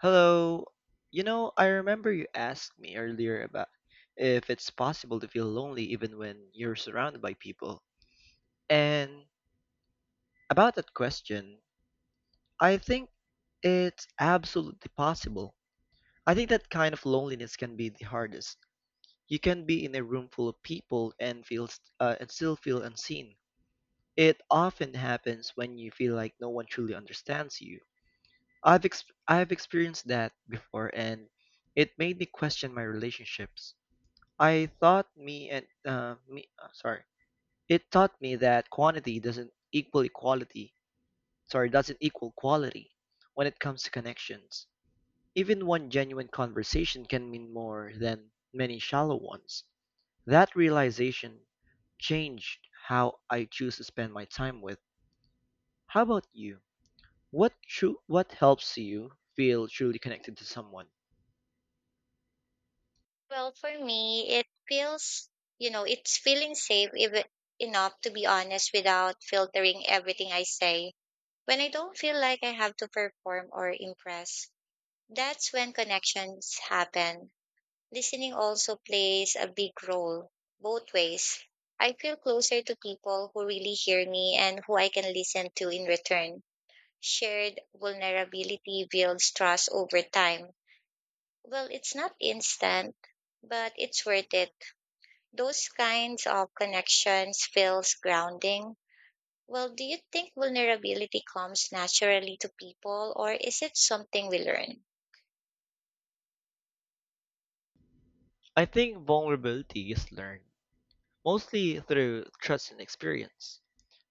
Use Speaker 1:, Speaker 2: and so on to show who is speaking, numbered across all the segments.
Speaker 1: Hello. I remember you asked me earlier about if it's possible to feel lonely even when you're surrounded by people. And about that question, I think it's absolutely possible. I think that kind of loneliness can be the hardest. You can be in a room full of people and still feel unseen. It often happens when you feel like no one truly understands you. I've ex- I've experienced that before, and it made me question my relationships. I thought me and me sorry, it taught me that quantity doesn't equal equality. Sorry, doesn't equal quality when it comes to connections. Even one genuine conversation can mean more than many shallow ones. That realization changed how I choose to spend my time with. How about you? What helps you feel truly connected to someone?
Speaker 2: Well, for me, it feels, it's feeling safe if, enough to be honest without filtering everything I say. When I don't feel like I have to perform or impress, that's when connections happen. Listening also plays a big role, both ways. I feel closer to people who really hear me and who I can listen to in return. Shared vulnerability builds trust over time. Well, it's not instant, but it's worth it those kinds of connections feels grounding. Well, do you think vulnerability comes naturally to people or is it something we learn?
Speaker 1: I think vulnerability is learned, mostly through trust and experience.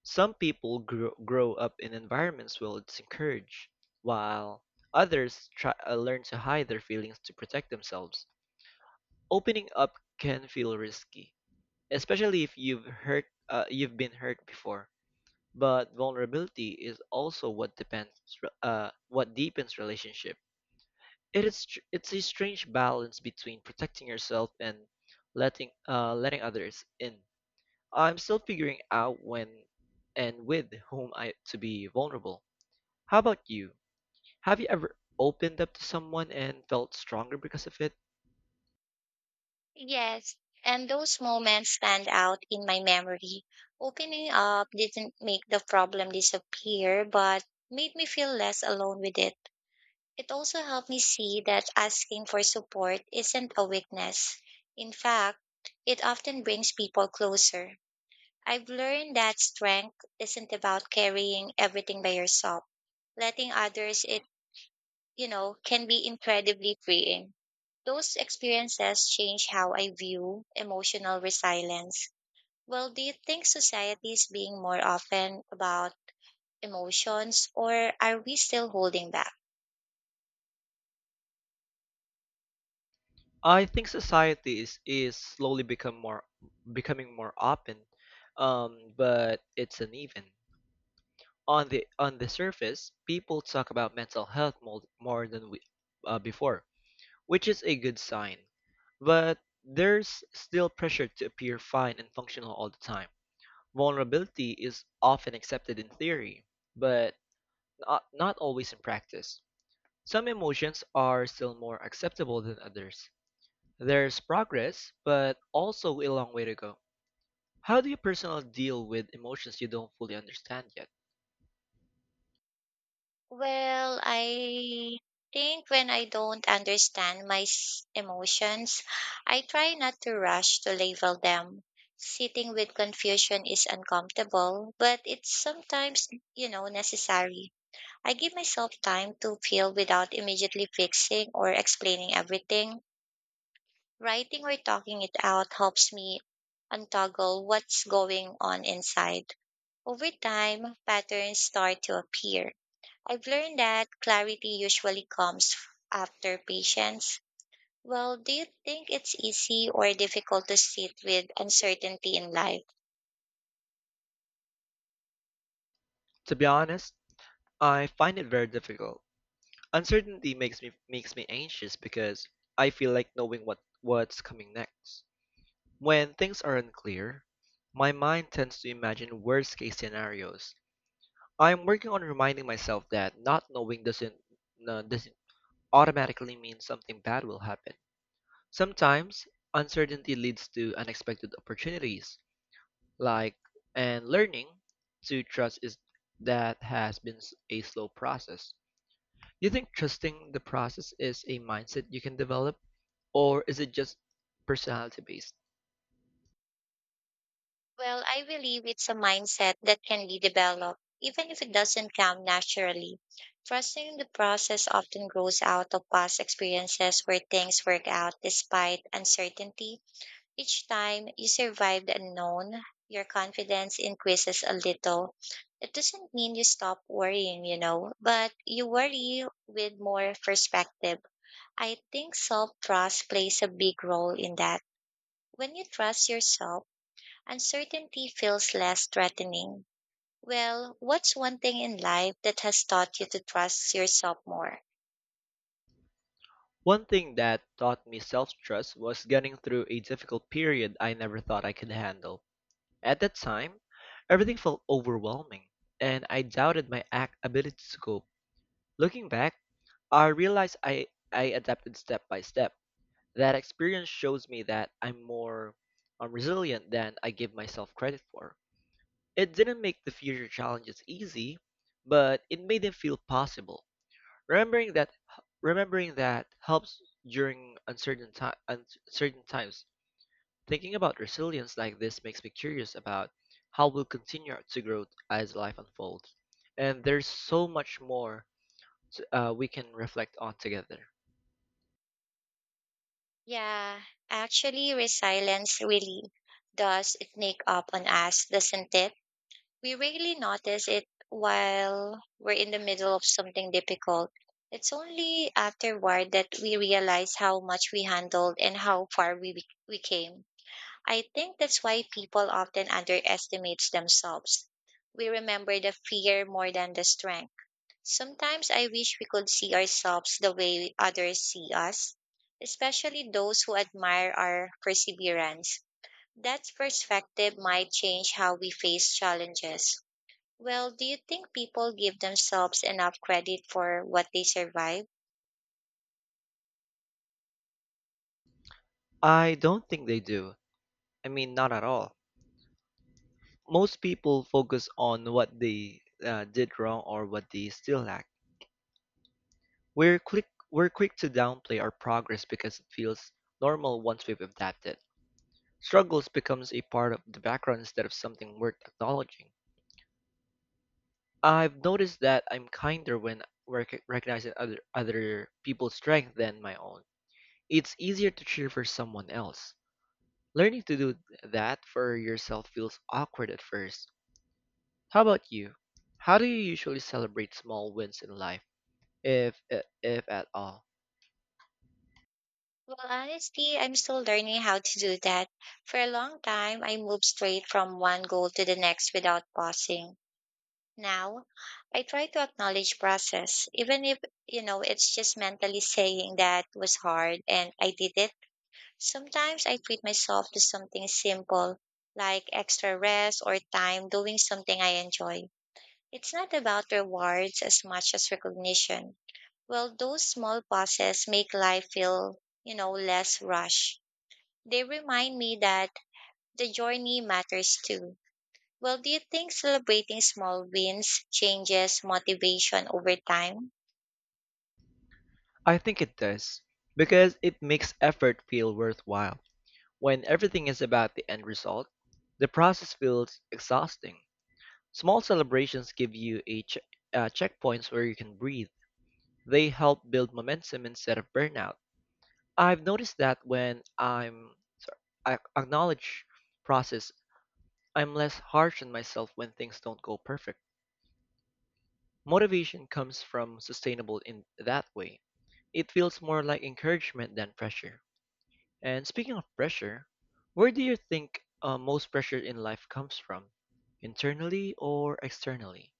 Speaker 1: Some people grow up in environments where it's encouraged, while others learn to hide their feelings to protect themselves. Opening up can feel risky, especially if you've been hurt before. But vulnerability is also what deepens relationship. It's a strange balance between protecting yourself and letting others in. I'm still figuring out when and with whom I to be vulnerable. How about you? Have you ever opened up to someone and felt stronger because of it?
Speaker 2: Yes, and those moments stand out in my memory. Opening up didn't make the problem disappear, but made me feel less alone with it. It also helped me see that asking for support isn't a weakness. In fact, it often brings people closer. I've learned that strength isn't about carrying everything by yourself. Letting others it can be incredibly freeing. Those experiences change how I view emotional resilience. Well, do you think society is being more often about emotions or are we still holding back?
Speaker 1: I think society is slowly become more becoming more open, but it's uneven. On the surface, people talk about mental health more than before, which is a good sign. But there's still pressure to appear fine and functional all the time. Vulnerability is often accepted in theory, but not always in practice. Some emotions are still more acceptable than others. There's progress, but also a long way to go. How do you personally deal with emotions you don't fully understand yet?
Speaker 2: Well, I think when I don't understand emotions, I try not to rush to label them. Sitting with confusion is uncomfortable, but it's sometimes necessary. I give myself time to feel without immediately fixing or explaining everything. Writing or talking it out helps me untangle what's going on inside. Over time, patterns start to appear. I've learned that clarity usually comes after patience. Well, do you think it's easy or difficult to sit with uncertainty in life?
Speaker 1: To be honest, I find it very difficult. Uncertainty makes me anxious because I feel like knowing what's coming next. When things are unclear, my mind tends to imagine worst-case scenarios. I'm working on reminding myself that not knowing doesn't automatically mean something bad will happen. Sometimes uncertainty leads to unexpected opportunities, like and learning to trust is that has been a slow process. Do you think trusting the process is a mindset you can develop, or is it just personality based?
Speaker 2: Well, I believe it's a mindset that can be developed, even if it doesn't come naturally. Trusting the process often grows out of past experiences where things work out despite uncertainty. Each time you survive the unknown, your confidence increases a little. It doesn't mean you stop worrying, but you worry with more perspective. I think self trust plays a big role in that. When you trust yourself, uncertainty feels less threatening. Well, what's one thing in life that has taught you to trust yourself more?
Speaker 1: One thing that taught me self trust was getting through a difficult period I never thought I could handle. At that time, everything felt overwhelming, and I doubted my ability to cope. Looking back, I realized I adapted step by step. That experience shows me that I'm more resilient than I give myself credit for. It didn't make the future challenges easy, but it made them feel possible. Remembering that remembering that helps during uncertain times. Thinking about resilience like this makes me curious about how we'll continue to grow as life unfolds. And there's so much more we can reflect on together.
Speaker 2: Yeah, actually, resilience really does sneak up on us, doesn't it? We rarely notice it while we're in the middle of something difficult. It's only afterward that we realize how much we handled and how far we came. I think that's why people often underestimate themselves. We remember the fear more than the strength. Sometimes I wish we could see ourselves the way others see us, especially those who admire our perseverance. That perspective might change how we face challenges. Well, do you think people give themselves enough credit for what they survive?
Speaker 1: I don't think they do. I mean, not at all. Most people focus on what they did wrong or what they still lack. We're quick we're quick to downplay our progress because it feels normal once we've adapted. Struggles becomes a part of the background instead of something worth acknowledging. I've noticed that I'm kinder when recognizing other people's strength than my own. It's easier to cheer for someone else. Learning to do that for yourself feels awkward at first. How about you? How do you usually celebrate small wins in life, if if at all?
Speaker 2: Well, honestly, I'm still learning how to do that. For a long time, I moved straight from one goal to the next without pausing. Now, I try to acknowledge process, even if it's just mentally saying that was hard and I did it. Sometimes I treat myself to something simple, like extra rest or time doing something I enjoy. It's not about rewards as much as recognition. Well, those small pauses make life feel less rushed. They remind me that the journey matters too. Well, do you think celebrating small wins changes motivation over time?
Speaker 1: I think it does, because it makes effort feel worthwhile. When everything is about the end result, the process feels exhausting. Small celebrations give you checkpoints where you can breathe. They help build momentum instead of burnout. I've noticed that when sorry, I acknowledge process, I'm less harsh on myself when things don't go perfect. Motivation comes from sustainable in that way. It feels more like encouragement than pressure. And speaking of pressure, where do you think most pressure in life comes from? Internally or externally?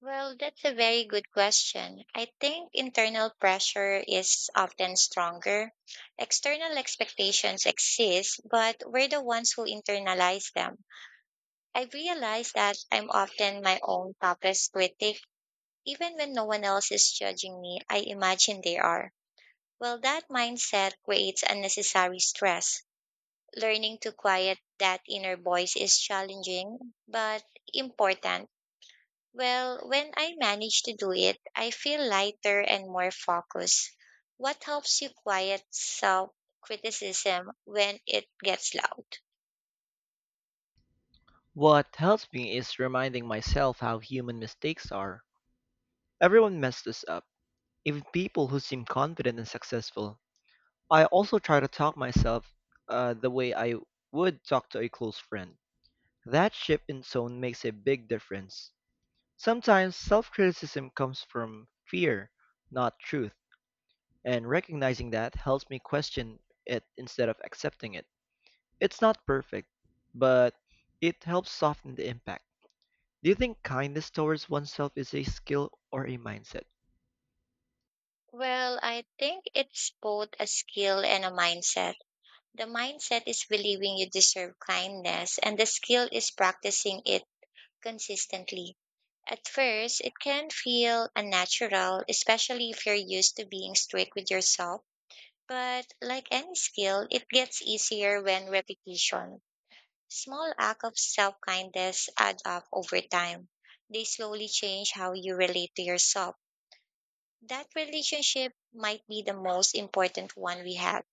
Speaker 2: Well, that's a very good question. I think internal pressure is often stronger. External expectations exist, but we're the ones who internalize them. I realize that I'm often my own toughest critic. Even when no one else is judging me, I imagine they are. Well, that mindset creates unnecessary stress. Learning to quiet that inner voice is challenging, but important. Well, when I manage to do it, I feel lighter and more focused. What helps you quiet self criticism when it gets loud?
Speaker 1: What helps me is reminding myself how human mistakes are. Everyone messes up, even people who seem confident and successful. I also try to talk myself the way I would talk to a close friend. That shift in tone makes a big difference. Sometimes self criticism comes from fear, not truth. And recognizing that helps me question it instead of accepting it. It's not perfect, but it helps soften the impact. Do you think kindness towards oneself is a skill or a mindset?
Speaker 2: Well, I think it's both a skill and a mindset. The mindset is believing you deserve kindness, and the skill is practicing it consistently. At first, it can feel unnatural, especially if you're used to being strict with yourself. But like any skill, it gets easier when repetition. Small acts of self kindness add up over time. They slowly change how you relate to yourself. That relationship might be the most important one we have.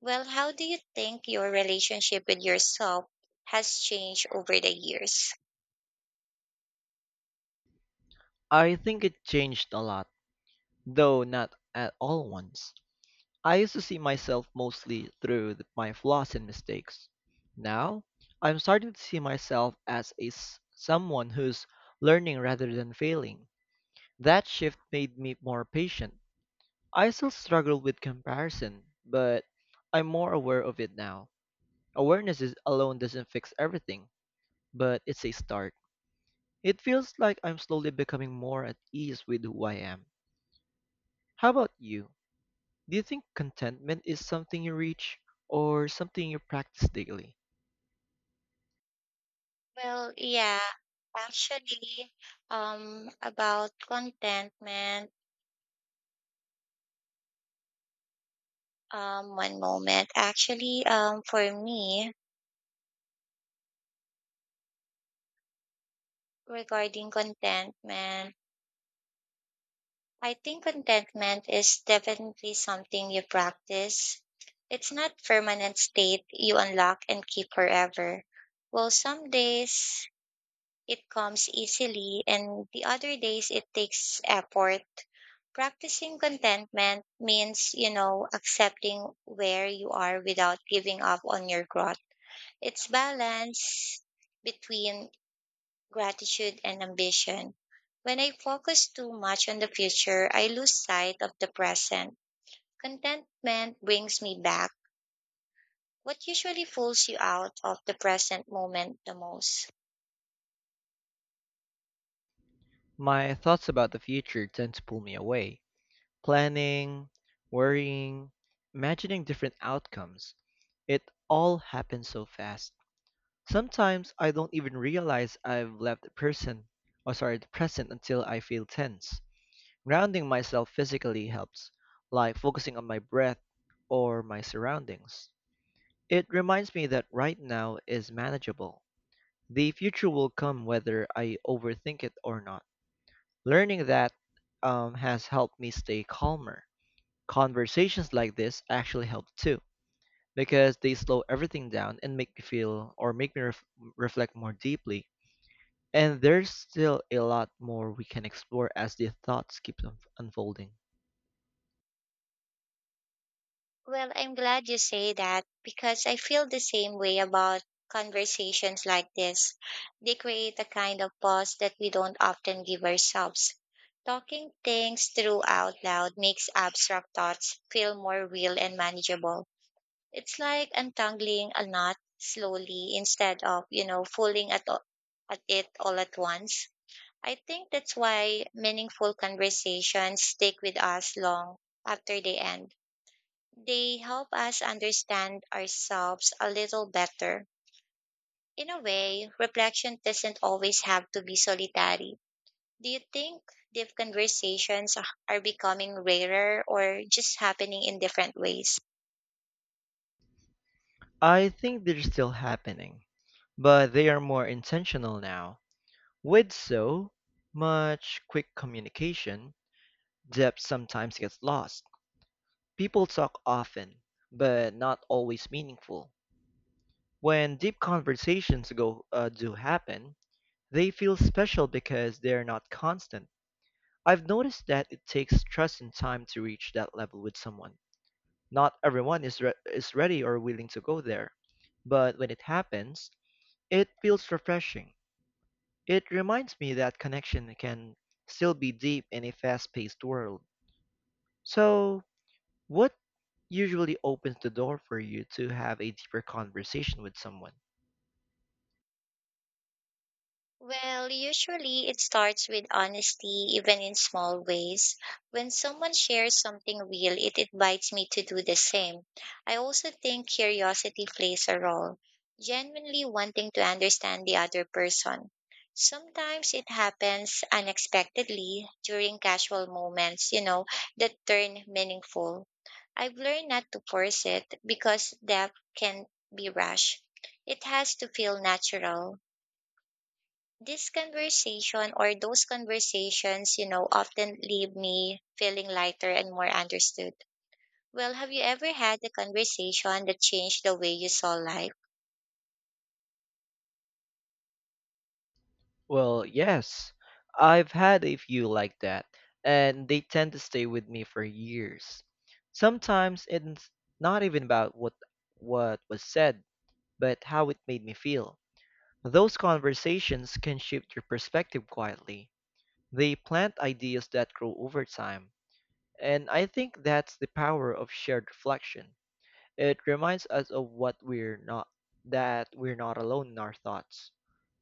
Speaker 2: Well, how do you think your relationship with yourself has changed over the years?
Speaker 1: I think it changed a lot, though not at all once. I used to see myself mostly through my flaws and mistakes. Now, I'm starting to see myself as someone who's learning rather than failing. That shift made me more patient. I still struggle with comparison, but I'm more aware of it now. Awareness is alone doesn't fix everything, but it's a start. It feels like I'm slowly becoming more at ease with who I am. How about you? Do you think contentment is something you reach or something you practice daily?
Speaker 2: Well, yeah, actually, about contentment, one moment. Actually, for me, regarding contentment, I think contentment is definitely something you practice. It's not permanent state you unlock and keep forever. Well, some days it comes easily, and the other days it takes effort. Practicing contentment means accepting where you are without giving up on your growth. It's balance between gratitude and ambition. When I focus too much on the future, I lose sight of the present. Contentment brings me back what usually pulls you out of the present moment the most.
Speaker 1: My thoughts about the future tend to pull me away. Planning, worrying, imagining different outcomes. It all happens so fast. Sometimes I don't even realize I've left the person, or sorry, the present until I feel tense. Grounding myself physically helps, like focusing on my breath or my surroundings. It reminds me that right now is manageable. The future will come whether I overthink it or not. Learning that has helped me stay calmer. Conversations like this actually help too because they slow everything down and make me feel or make me reflect more deeply. And there's still a lot more we can explore as the thoughts keep unfolding.
Speaker 2: Well, I'm glad you say that because I feel the same way about conversations like this. They create a kind of pause that we don't often give ourselves. Talking things through out loud makes abstract thoughts feel more real and manageable. It's like untangling a knot slowly instead of pulling at it all at once. I think that's why meaningful conversations stick with us long after they end they help us understand ourselves a little better. In a way, reflection doesn't always have to be solitary. Do you think deep conversations are becoming rarer or just happening in different ways?
Speaker 1: I think they're still happening, but they are more intentional now. With so much quick communication, depth sometimes gets lost. People talk often, but not always meaningful. When deep conversations go do happen, they feel special because they're not constant. I've noticed that it takes trust and time to reach that level with someone. Not everyone is ready or willing to go there, but when it happens, it feels refreshing. It reminds me that connection can still be deep in a fast-paced world. So, what usually opens the door for you to have a deeper conversation with someone?
Speaker 2: Well, usually it starts with honesty, even in small ways. When someone shares something real, it invites me to do the same. I also think curiosity plays a role, genuinely wanting to understand the other person. Sometimes it happens unexpectedly during casual moments, that turn meaningful. I've learned not to force it because depth can be rushed. It has to feel natural. This conversation or those conversations, often leave me feeling lighter and more understood. Well, have you ever had a conversation that changed the way you saw life?
Speaker 1: Well, yes, I've had a few like that, and they tend to stay with me for years. Sometimes it's not even about what was said, but how it made me feel. Those conversations can shift your perspective quietly. They plant ideas that grow over time, and I think that's the power of shared reflection. It reminds us of what we're not that we're not alone in our thoughts.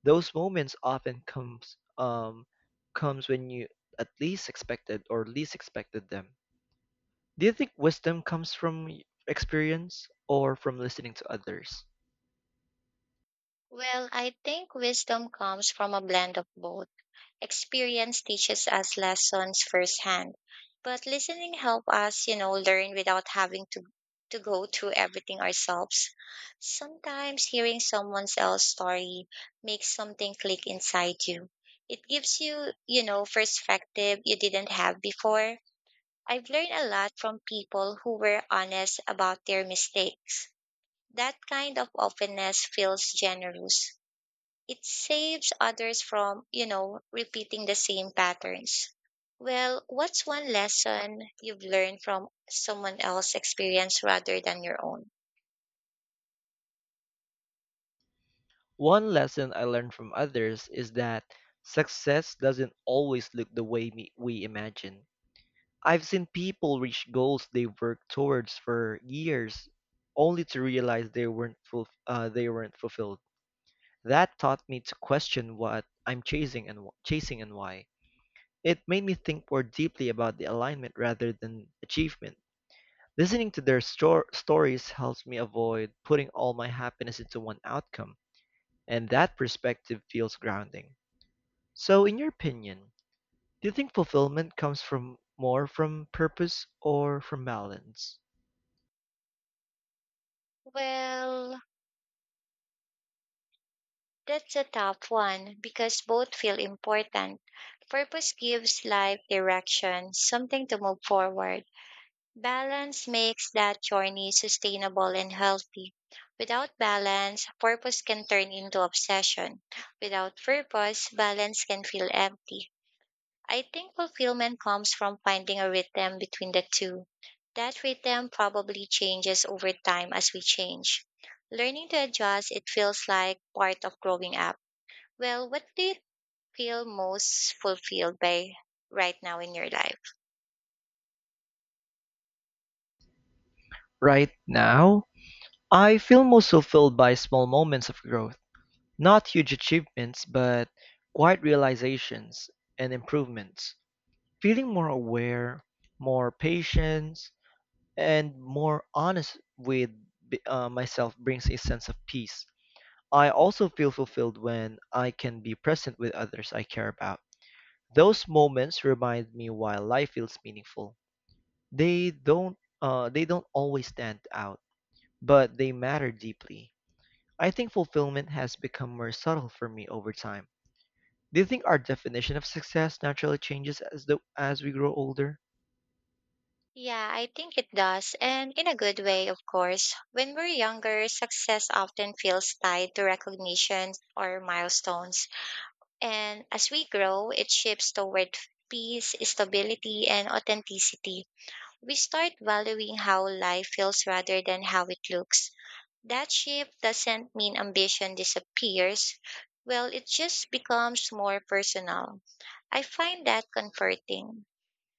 Speaker 1: Those moments often comes when you at least expected or least expected them. Do you think wisdom comes from experience or from listening to others?
Speaker 2: Well, I think wisdom comes from a blend of both. Experience teaches us lessons firsthand, but listening help us learn without having to go through everything ourselves. Sometimes hearing someone else's story makes something click inside you. It gives you perspective you didn't have before. I've learned a lot from people who were honest about their mistakes. That kind of openness feels generous it saves others from repeating the same patterns. Well, what's one lesson you've learned from someone else's experience rather than your own?
Speaker 1: One lesson I learned from others is that success doesn't always look the way we imagine. I've seen people reach goals they worked towards for years only to realize they weren't fulfilled. That taught me to question what I'm chasing and chasing and why. It made me think more deeply about the alignment rather than achievement. Listening to their stories helps me avoid putting all my happiness into one outcome, and that perspective feels grounding. So, in your opinion, do you think fulfillment comes from more from purpose or from balance?
Speaker 2: Well, that's a tough one because both feel important. Purpose gives life direction, something to move forward. Balance makes that journey sustainable and healthy. Without balance, purpose can turn into obsession. Without purpose, balance can feel empty. I think fulfillment comes from finding a rhythm between the two. That rhythm probably changes over time as we change. Learning to adjust, it feels like part of growing up. Well, what do you feel most fulfilled by right now in your life?
Speaker 1: Right now, I feel most fulfilled by small moments of growth, not huge achievements, but quiet realizations and improvements. Feeling more aware, more patient, and more honest with myself brings a sense of peace. I also feel fulfilled when I can be present with others I care about. Those moments remind me why life feels meaningful. They don't always stand out, but they matter deeply. I think fulfillment has become more subtle for me over time. Do you think our definition of success naturally changes as we grow older?
Speaker 2: Yeah, I think it does. And in a good way, of course. When we're younger, success often feels tied to recognition or milestones. And as we grow, it shifts toward peace, stability, and authenticity. We start valuing how life feels rather than how it looks. That shift doesn't mean ambition disappears. Well, it just becomes more personal. I find that comforting,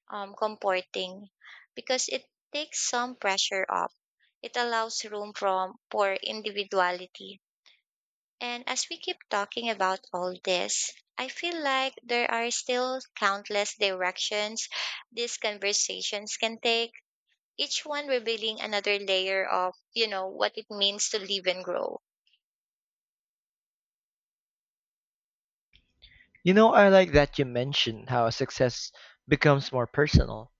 Speaker 2: um, comforting, because it takes some pressure off. It allows room from for individuality and as we keep talking about all this, I feel like there are still countless directions these conversations can take, each one revealing another layer of what it means to live and grow.
Speaker 1: I like that you mentioned how success becomes more personal,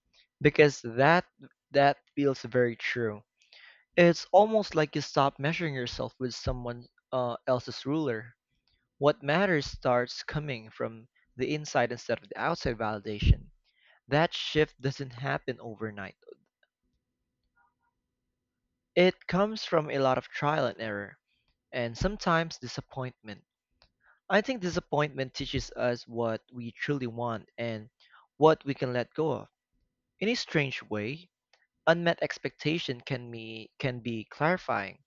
Speaker 1: because that feels very true. It's almost like you stop measuring yourself with someone else's ruler. What matters starts coming from the inside instead of the outside validation. That shift doesn't happen overnight. It comes from a lot of trial and error, and sometimes disappointment. I think disappointment teaches us what we truly want and what we can let go of. In a strange way, unmet expectation can be clarifying.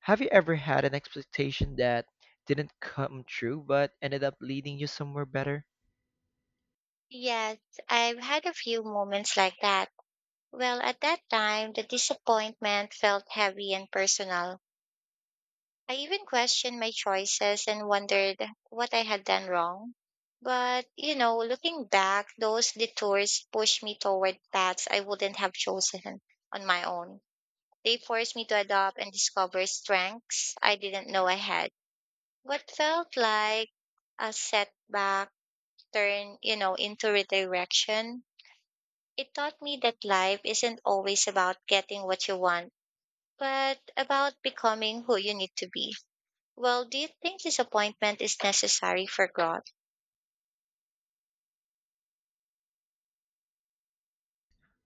Speaker 1: Have you ever had an expectation that didn't come true but ended up leading you somewhere better?
Speaker 2: Yes, I've had a few moments like that. Well, at that time, the disappointment felt heavy and personal. I even questioned my choices and wondered what I had done wrong. But looking back, those detours pushed me toward paths I wouldn't have chosen on my own. They forced me to adopt and discover strengths I didn't know I had. What felt like a setback turned into redirection. It taught me that life isn't always about getting what you want, but about becoming who you need to be. Well, do you think disappointment is necessary for growth?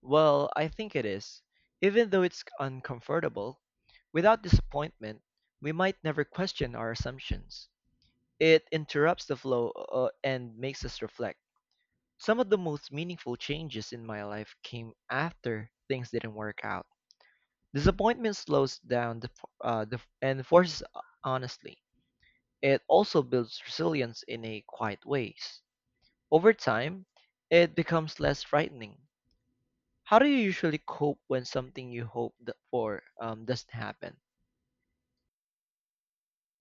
Speaker 1: Well, I think it is. Even though it's uncomfortable, without disappointment, we might never question our assumptions. It interrupts the flow and makes us reflect. Some of the most meaningful changes in my life came after things didn't work out. Disappointment slows down and forces honestly. It also builds resilience in a quiet ways. Over time, it becomes less frightening. How do you usually cope when something you hope for, doesn't happen?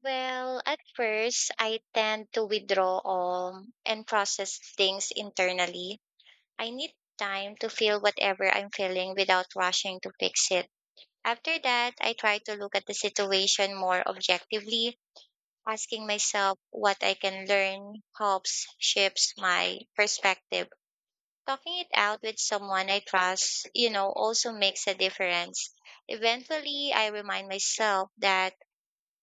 Speaker 2: Well, at first, I tend to withdraw all and process things internally. I need time to feel whatever I'm feeling without rushing to fix it. After that, I try to look at the situation more objectively, asking myself what I can learn helps shifts my perspective. Talking it out with someone I trust, also makes a difference. Eventually, I remind myself that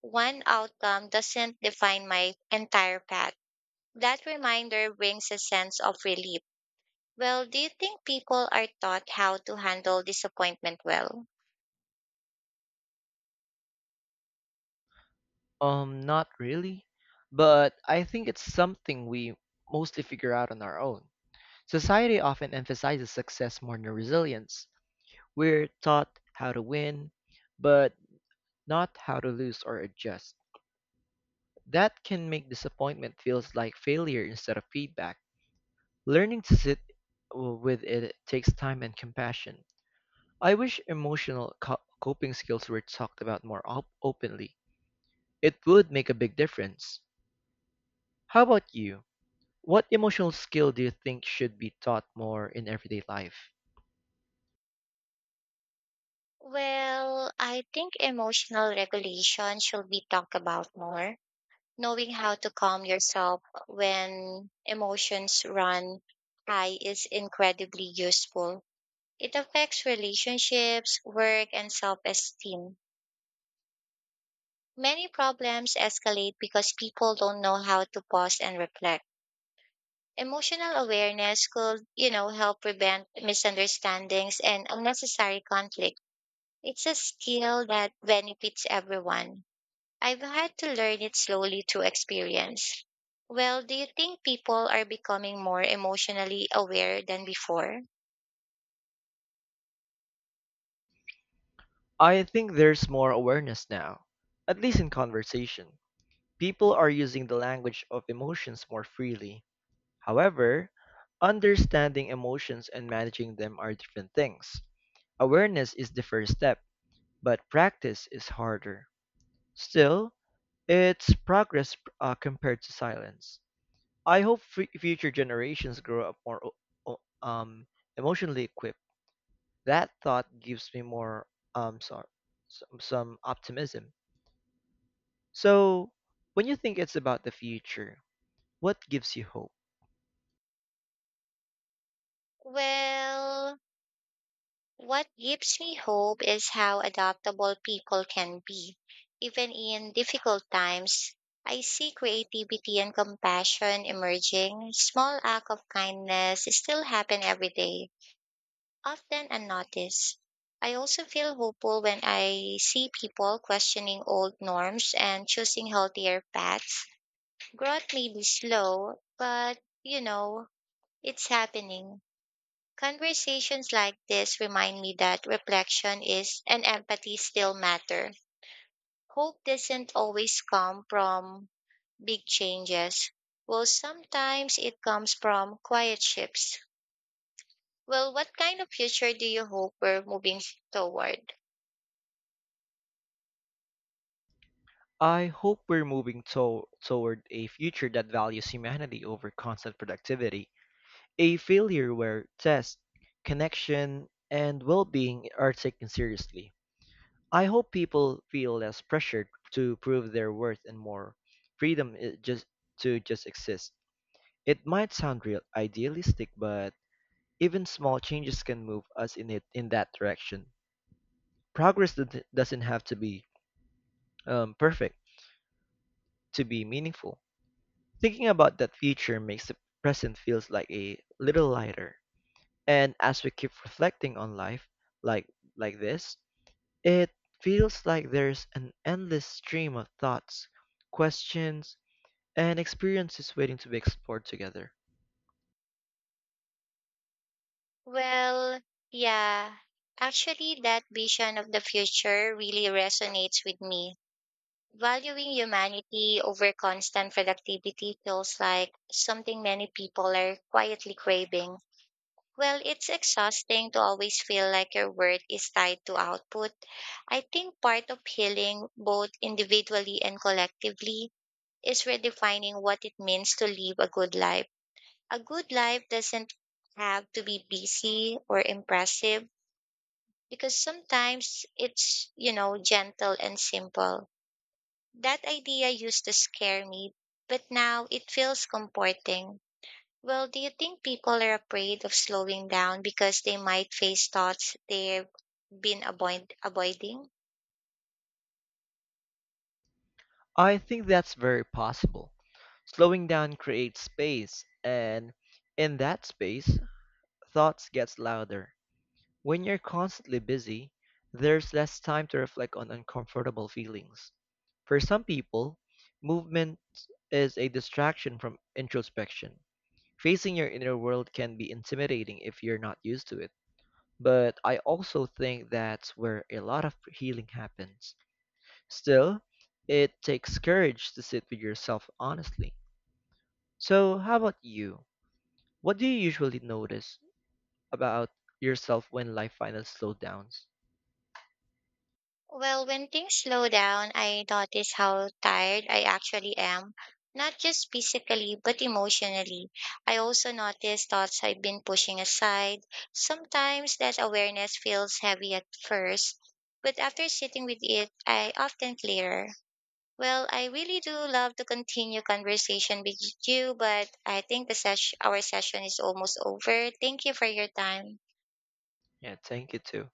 Speaker 2: one outcome doesn't define my entire path. That reminder brings a sense of relief. Well, do you think people are taught how to handle disappointment well?
Speaker 1: Not really, but I think it's something we mostly figure out on our own. Society often emphasizes success more than resilience. We're taught how to win, but not how to lose or adjust. That can make disappointment feels like failure instead of feedback. Learning to sit with it takes time and compassion. I wish emotional coping skills were talked about more openly. It would make a big difference. How about you? What emotional skill do you think should be taught more in everyday life?
Speaker 2: Well, I think emotional regulation should be talked about more. Knowing how to calm yourself when emotions run high is incredibly useful. It affects relationships, work, and self esteem. Many problems escalate because people don't know how to pause and reflect. Emotional awareness could help prevent misunderstandings and unnecessary conflict. It's a skill that benefits everyone. I've had to learn it slowly through experience. Well, do you think people are becoming more emotionally aware than before?
Speaker 1: I think there's more awareness now, at least in conversation. People are using the language of emotions more freely. However, understanding emotions and managing them are different things. Awareness is the first step, but practice is harder. Still, it's progress compared to silence. I hope future generations grow up more emotionally equipped. That thought gives me more um, so- some optimism. So, when you think it's about the future, what gives you hope?
Speaker 2: Well, what gives me hope is how adaptable people can be. Even in difficult times, I see creativity and compassion emerging. Small acts of kindness still happen every day. Often unnoticed. I also feel hopeful when I see people questioning old norms and choosing healthier paths. Growth may be slow, but it's happening. Conversations like this remind me that reflection is and empathy still matter. Hope doesn't always come from big changes. Well, sometimes it comes from quiet shifts. Well, what kind of future do you hope we're moving toward?
Speaker 1: I hope we're moving toward a future that values humanity over constant productivity, a failure where test, connection, and well being are taken seriously. I hope people feel less pressured to prove their worth and more freedom I- just to just exist. It might sound real idealistic, but even small changes can move us in that direction. Progress doesn't have to be perfect to be meaningful. Thinking about that future makes the present feels like a little lighter. And as we keep reflecting on life like like this, it feels like there's an endless stream of thoughts, questions, an experience is waiting to be explored together.
Speaker 2: Well, yeah. Actually, that vision of the future really resonates with me. Valuing humanity over constant productivity feels like something many people are quietly craving. Well, it's exhausting to always feel like your worth is tied to output. I think part of healing, both individually and collectively, is redefining what it means to live a good life. A good life doesn't have to be busy or impressive because sometimes it's gentle and simple. That idea used to scare me, but now it feels comforting. Well, do you think people are afraid of slowing down because they might face thoughts they've been avoiding?
Speaker 1: I think that's very possible. Slowing down creates space, and in that space, thoughts gets louder. When you're constantly busy, there's less time to reflect on uncomfortable feelings. For some people, movement is a distraction from introspection. Facing your inner world can be intimidating if you're not used to it. But I also think that's where a lot of healing happens. Still, it takes courage to sit with yourself honestly. So, how about you? What do you usually notice about yourself when life finally slows down?
Speaker 2: Well, when things slow down, I notice how tired I actually am, not just physically, but emotionally. I also notice thoughts I've been pushing aside. Sometimes that awareness feels heavy at first, but after sitting with it, I often clearer. Well, I really do love to continue conversation with you, but I think the our session is almost over. Thank you for your time.
Speaker 1: Yeah, thank you too.